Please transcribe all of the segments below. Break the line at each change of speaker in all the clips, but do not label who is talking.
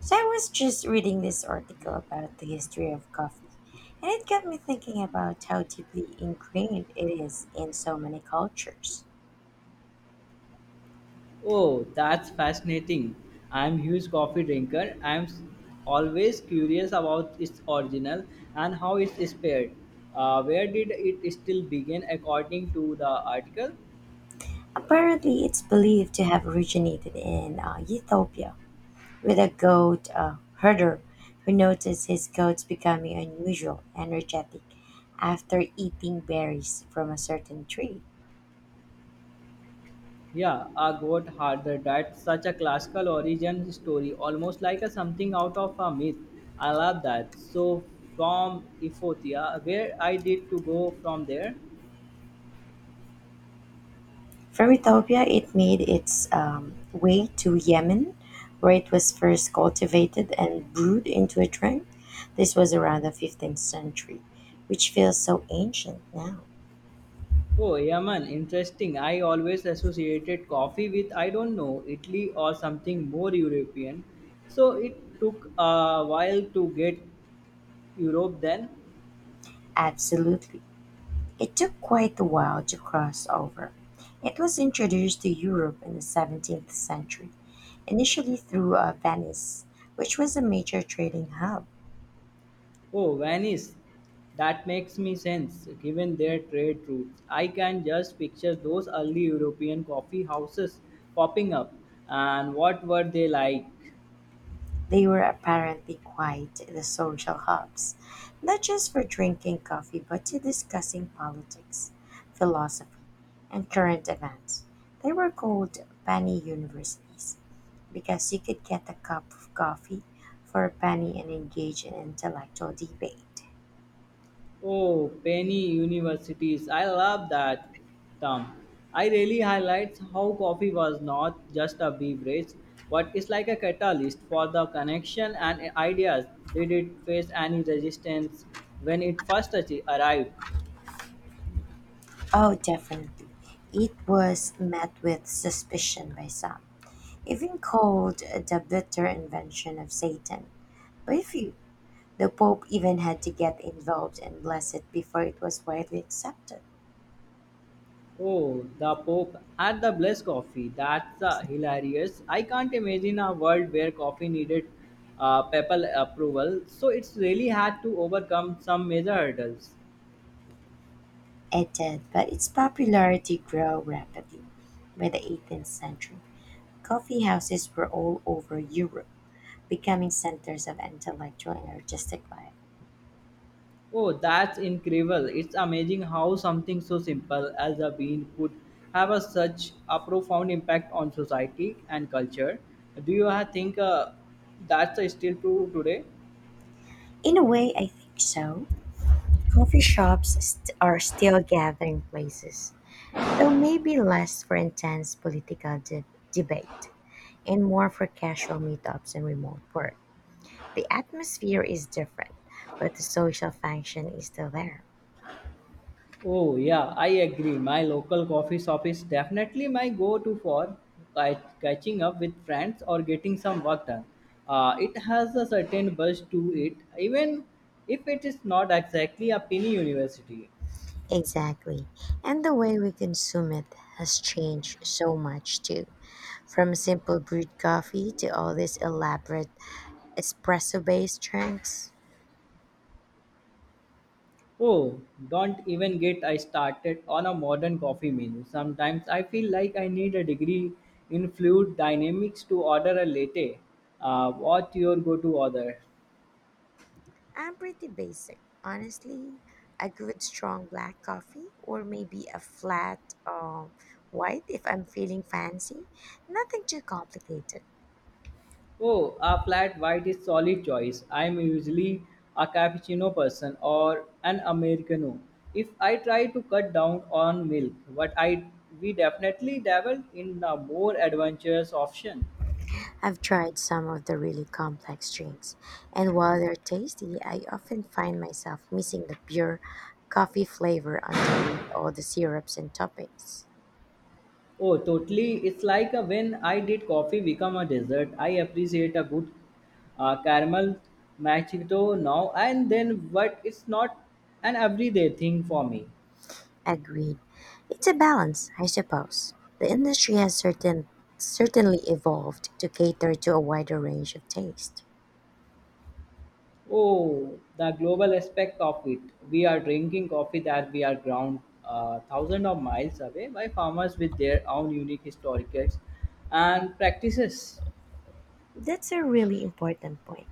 So I was just reading this article about the history of coffee, and it got me thinking about how deeply ingrained it is in so many cultures.
Oh, that's fascinating. I'm huge coffee drinker. Always curious about its original and how it's spared. Where did it still begin according to the article?
Apparently, it's believed to have originated in Ethiopia with a goat herder who noticed his goats becoming unusual, energetic after eating berries from a certain tree.
Yeah, Agwat Harder. That's such a classical origin story, almost like a something out of a myth. I love that. So from Ethiopia, where I did to go from there?
From Ethiopia it made its way to Yemen, where it was first cultivated and brewed into a drink. This was around the 15th century, which feels so ancient now.
Oh, Yaman, interesting. I always associated coffee with, I don't know, Italy or something more European. So it took a while to get Europe then.
Absolutely. It took quite a while to cross over. It was introduced to Europe in the 17th century, initially through Venice, which was a major trading hub.
Oh, Venice. That makes me sense given their trade routes. I can just picture those early European coffee houses popping up. And what were they like?
They were apparently quite the social hubs, not just for drinking coffee but to discussing politics, philosophy, and current events. They were called penny universities because you could get a cup of coffee for a penny and engage in intellectual debate.
Oh, penny universities. I love that term. I really highlights how coffee was not just a beverage, but it's like a catalyst for the connection and ideas. Did it face any resistance when it first arrived?
Oh, definitely. It was met with suspicion by some, even called the bitter invention of Satan by few. The Pope even had to get involved and bless it before it was widely accepted.
Oh, the Pope had the blessed coffee. That's hilarious. I can't imagine a world where coffee needed papal approval, so it's really had to overcome some major hurdles.
It did, but its popularity grew rapidly. By the 18th century, coffee houses were all over Europe, becoming centers of intellectual and artistic life.
Oh, that's incredible. It's amazing how something so simple as a bean could have a, such a profound impact on society and culture. Do you think that's still true today?
In a way, I think so. Coffee shops are still gathering places, though maybe less for intense debate and more for casual meetups and remote work. The atmosphere is different, but the social function is still there.
Oh, yeah, I agree. My local coffee shop is definitely my go to for catching up with friends or getting some work done. It has a certain buzz to it, even if it is not exactly a penny university.
Exactly. And the way we consume it has changed so much too. From simple brewed coffee to all these elaborate espresso based drinks.
Oh, don't even get I started on a modern coffee menu. Sometimes I feel like I need a degree in fluid dynamics to order a latte. What your go-to order?
I'm pretty basic, honestly. A good strong black coffee or maybe a flat white if I'm feeling fancy. Nothing too complicated.
Oh, a flat white is solid choice. I'm usually a cappuccino person or an americano. If I try to cut down on milk, but I we definitely dabble in a more adventurous option.
I've tried some of the really complex drinks, and while they're tasty, I often find myself missing the pure coffee flavor underneath all the syrups and toppings.
Oh, totally. It's like when I did coffee become a dessert. I appreciate a good caramel machito now and then, but it's not an everyday thing for me.
Agreed. It's a balance, I suppose. The industry has certainly evolved to cater to a wider range of taste.
Oh, the global aspect of it. We are drinking coffee that we are ground thousands of miles away by farmers with their own unique historicals and practices.
That's a really important point.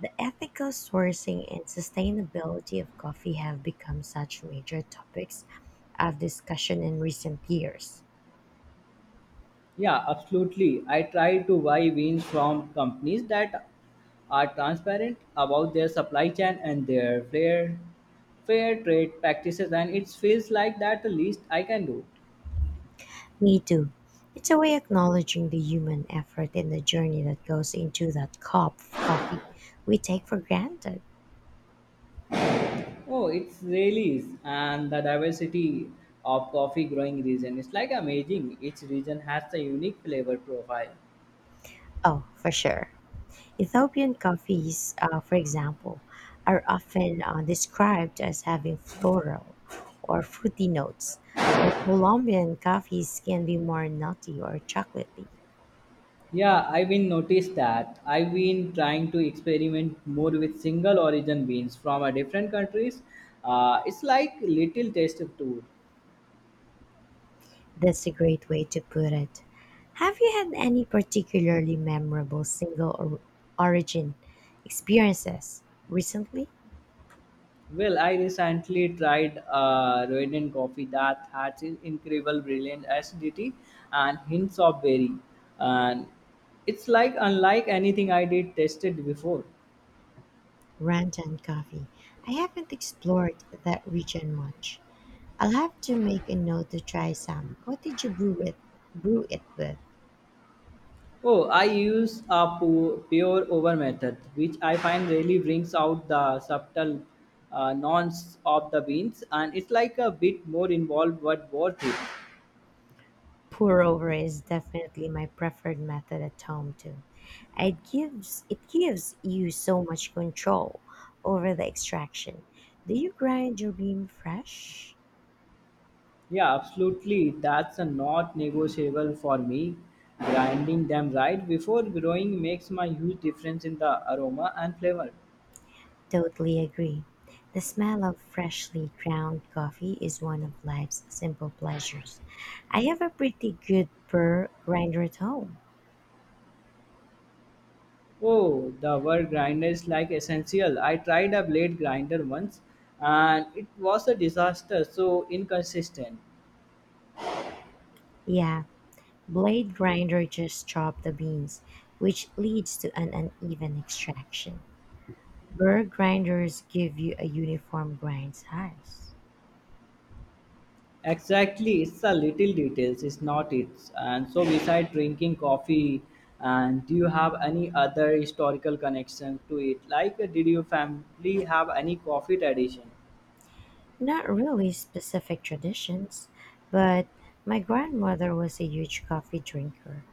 The ethical sourcing and sustainability of coffee have become such major topics of discussion in recent years.
Yeah, absolutely. I try to buy beans from companies that are transparent about their supply chain and their fair trade practices and it feels like that the least I can do.
Me too. It's a way acknowledging the human effort in the journey that goes into that cup of coffee we take for granted.
Oh, it's really is and the diversity of coffee growing region is like amazing. Each region has a unique flavor profile.
Oh, for sure. Ethiopian coffees, for example, are often described as having floral or fruity notes, while Colombian coffees can be more nutty or chocolatey.
Yeah, I've been noticed that. I've been trying to experiment more with single origin beans from a different countries. It's like little taste of tour.
That's a great way to put it. Have you had any particularly memorable single or origin experiences recently?
Well, I recently tried a Rwandan coffee that has an incredible brilliant acidity and hints of berry, and it's like unlike anything I did tasted before.
Ranta and coffee. I haven't explored that region much. I'll have to make a note to try some. What did you brew it with?
Oh, I use a pure over method, which I find really brings out the subtle nonce of the beans, and it's like a bit more involved but worth it.
Pour over is definitely my preferred method at home too. It gives you so much control over the extraction. Do you grind your bean fresh?
Yeah, absolutely. That's a not negotiable for me. Grinding them right before growing makes my huge difference in the aroma and flavor.
Totally agree. The smell of freshly ground coffee is one of life's simple pleasures. I have a pretty good burr grinder at home.
Oh, the word grinder is like essential. I tried a blade grinder once, and it was a disaster. So inconsistent.
Yeah, blade grinder just chop the beans, which leads to an uneven extraction. Burr grinders give you a uniform grind size.
Exactly, it's the little details, it's not it. And so, beside drinking coffee, and do you have any other historical connection to it? Like, did your family have any coffee tradition?
Not really specific traditions, but my grandmother was a huge coffee drinker.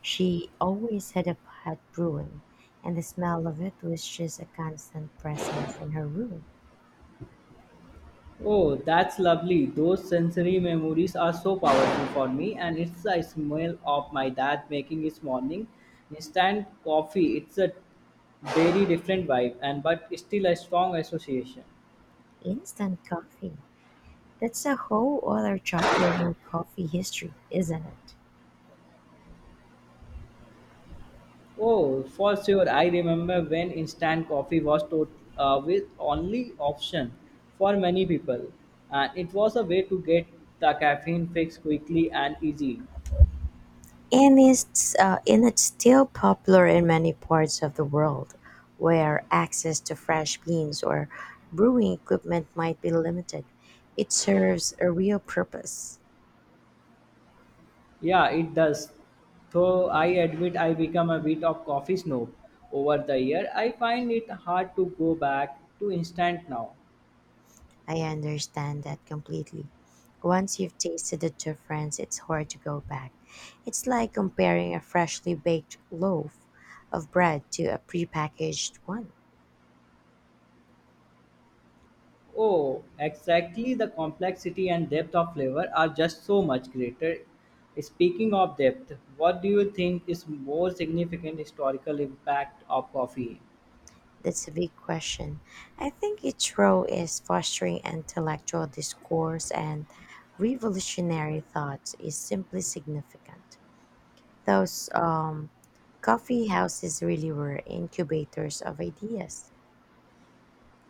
She always had a pot brewing, and the smell of it was just a constant presence in her room.
Oh, that's lovely. Those sensory memories are so powerful for me, and it's the smell of my dad making his morning instant coffee. It's a very different vibe, and but still a strong association.
Instant coffee. That's a whole other chapter in coffee history, isn't it?
Oh, for sure. I remember when instant coffee was to, with only option for many people, and it was a way to get the caffeine fix quickly and easy.
And it's still popular in many parts of the world where access to fresh beans or brewing equipment might be limited. It serves a real purpose.
Yeah, it does. Though I admit I become a bit of coffee snob over the year, I find it hard to go back to instant now.
I understand that completely. Once you've tasted the difference, it's hard to go back. It's like comparing a freshly baked loaf of bread to a prepackaged one.
Oh, exactly. The complexity and depth of flavor are just so much greater. Speaking of depth, what do you think is more significant historical impact of coffee?
That's a big question. I think its role is fostering intellectual discourse and revolutionary thoughts is simply significant. Those coffee houses really were incubators of ideas.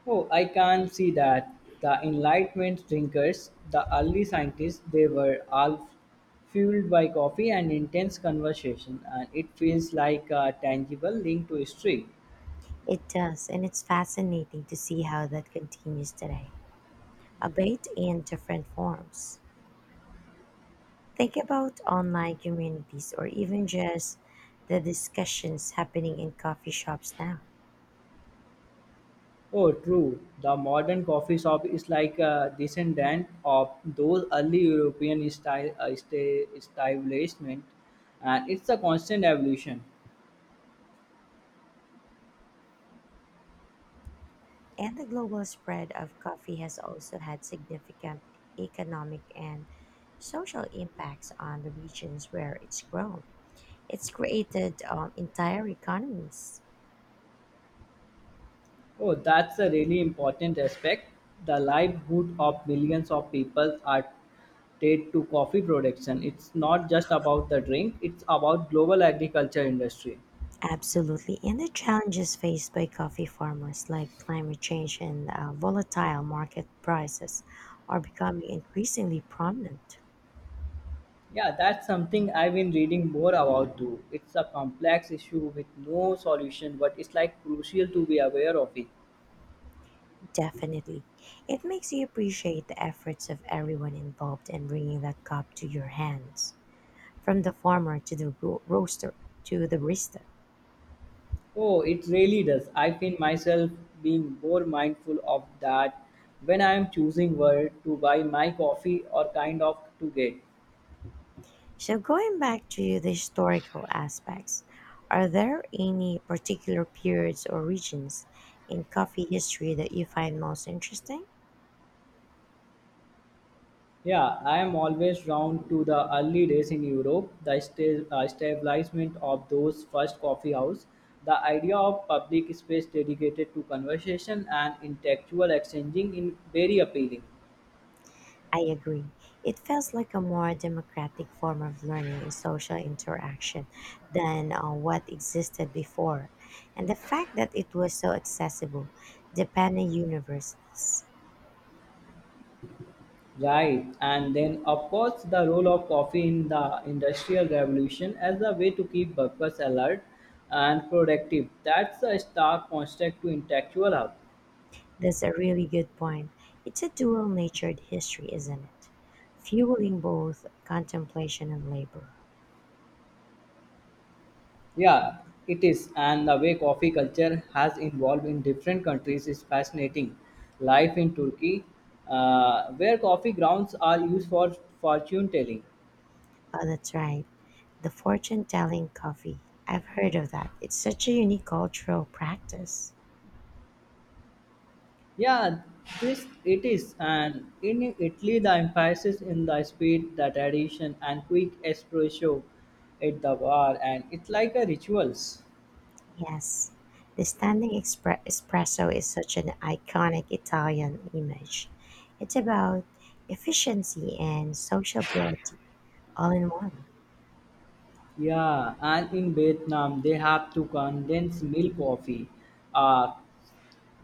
Oh, I can see that. The Enlightenment drinkers, the early scientists, they were all fueled by coffee and intense conversation, and it feels like a tangible link to history.
It does, and it's fascinating to see how that continues today, albeit in different forms. Think about online communities or even just the discussions happening in coffee shops now.
Oh, true. The modern coffee shop is like a descendant of those early European style establishment, and it's a constant evolution.
And the global spread of coffee has also had significant economic and social impacts on the regions where it's grown. It's created entire economies.
Oh, that's a really important aspect. The livelihood of millions of people are tied to coffee production. It's not just about the drink; it's about global agriculture industry.
Absolutely. And the challenges faced by coffee farmers, like climate change and volatile market prices, are becoming increasingly prominent.
Yeah, that's something I've been reading more about too. It's a complex issue with no solution, but it's like crucial to be aware of it.
Definitely. It makes you appreciate the efforts of everyone involved in bringing that cup to your hands. From the farmer to the roaster to the barista.
Oh, it really does. I find myself being more mindful of that when I am choosing where to buy my coffee or kind of to get.
So, going back to the historical aspects, are there any particular periods or regions in coffee history that you find most interesting?
Yeah, I am always drawn to the early days in Europe, the establishment of those first coffee house, the idea of public space dedicated to conversation and intellectual exchanging in very appealing.
I agree. It feels like a more democratic form of learning and social interaction than what existed before. And the fact that it was so accessible, depending universities.
Right, and then of course the role of coffee in the industrial revolution as a way to keep workers alert and productive. That's a stark contrast to intellectual hub.
That's a really good point. It's a dual natured history, isn't it? Fueling both contemplation and labor.
Yeah, it is, and the way coffee culture has evolved in different countries is fascinating. Life in Turkey, where coffee grounds are used for fortune telling.
Oh, that's right. The fortune telling coffee. I've heard of that. It's such a unique cultural practice.
Yeah, this it is, and in Italy, the emphasis in the speed, the tradition, and quick espresso at the bar, and it's like a rituals.
Yes, the espresso is such an iconic Italian image. It's about efficiency and sociability all in one.
Yeah, and in Vietnam, they have to condense milk coffee, uh,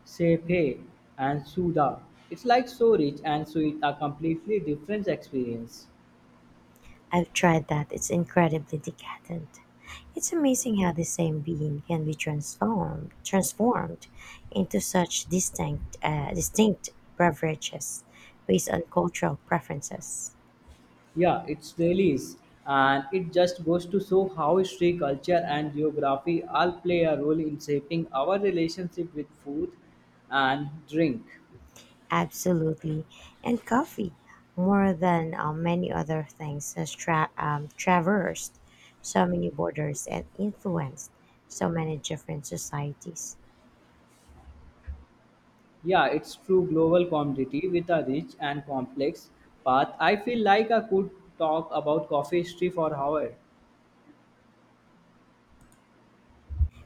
sepe, and suda. It's like so rich and sweet, a completely different experience.
I've tried that, it's incredibly decadent. It's amazing how the same being can be transformed into such distinct beverages based on cultural preferences.
Yeah, it really is. And it just goes to show how history, culture, and geography all play a role in shaping our relationship with food and drink.
Absolutely, and coffee more than many other things has traversed so many borders and influenced so many different societies.
Yeah, it's true global commodity with a rich and complex path. I feel like I could talk about coffee history for hours.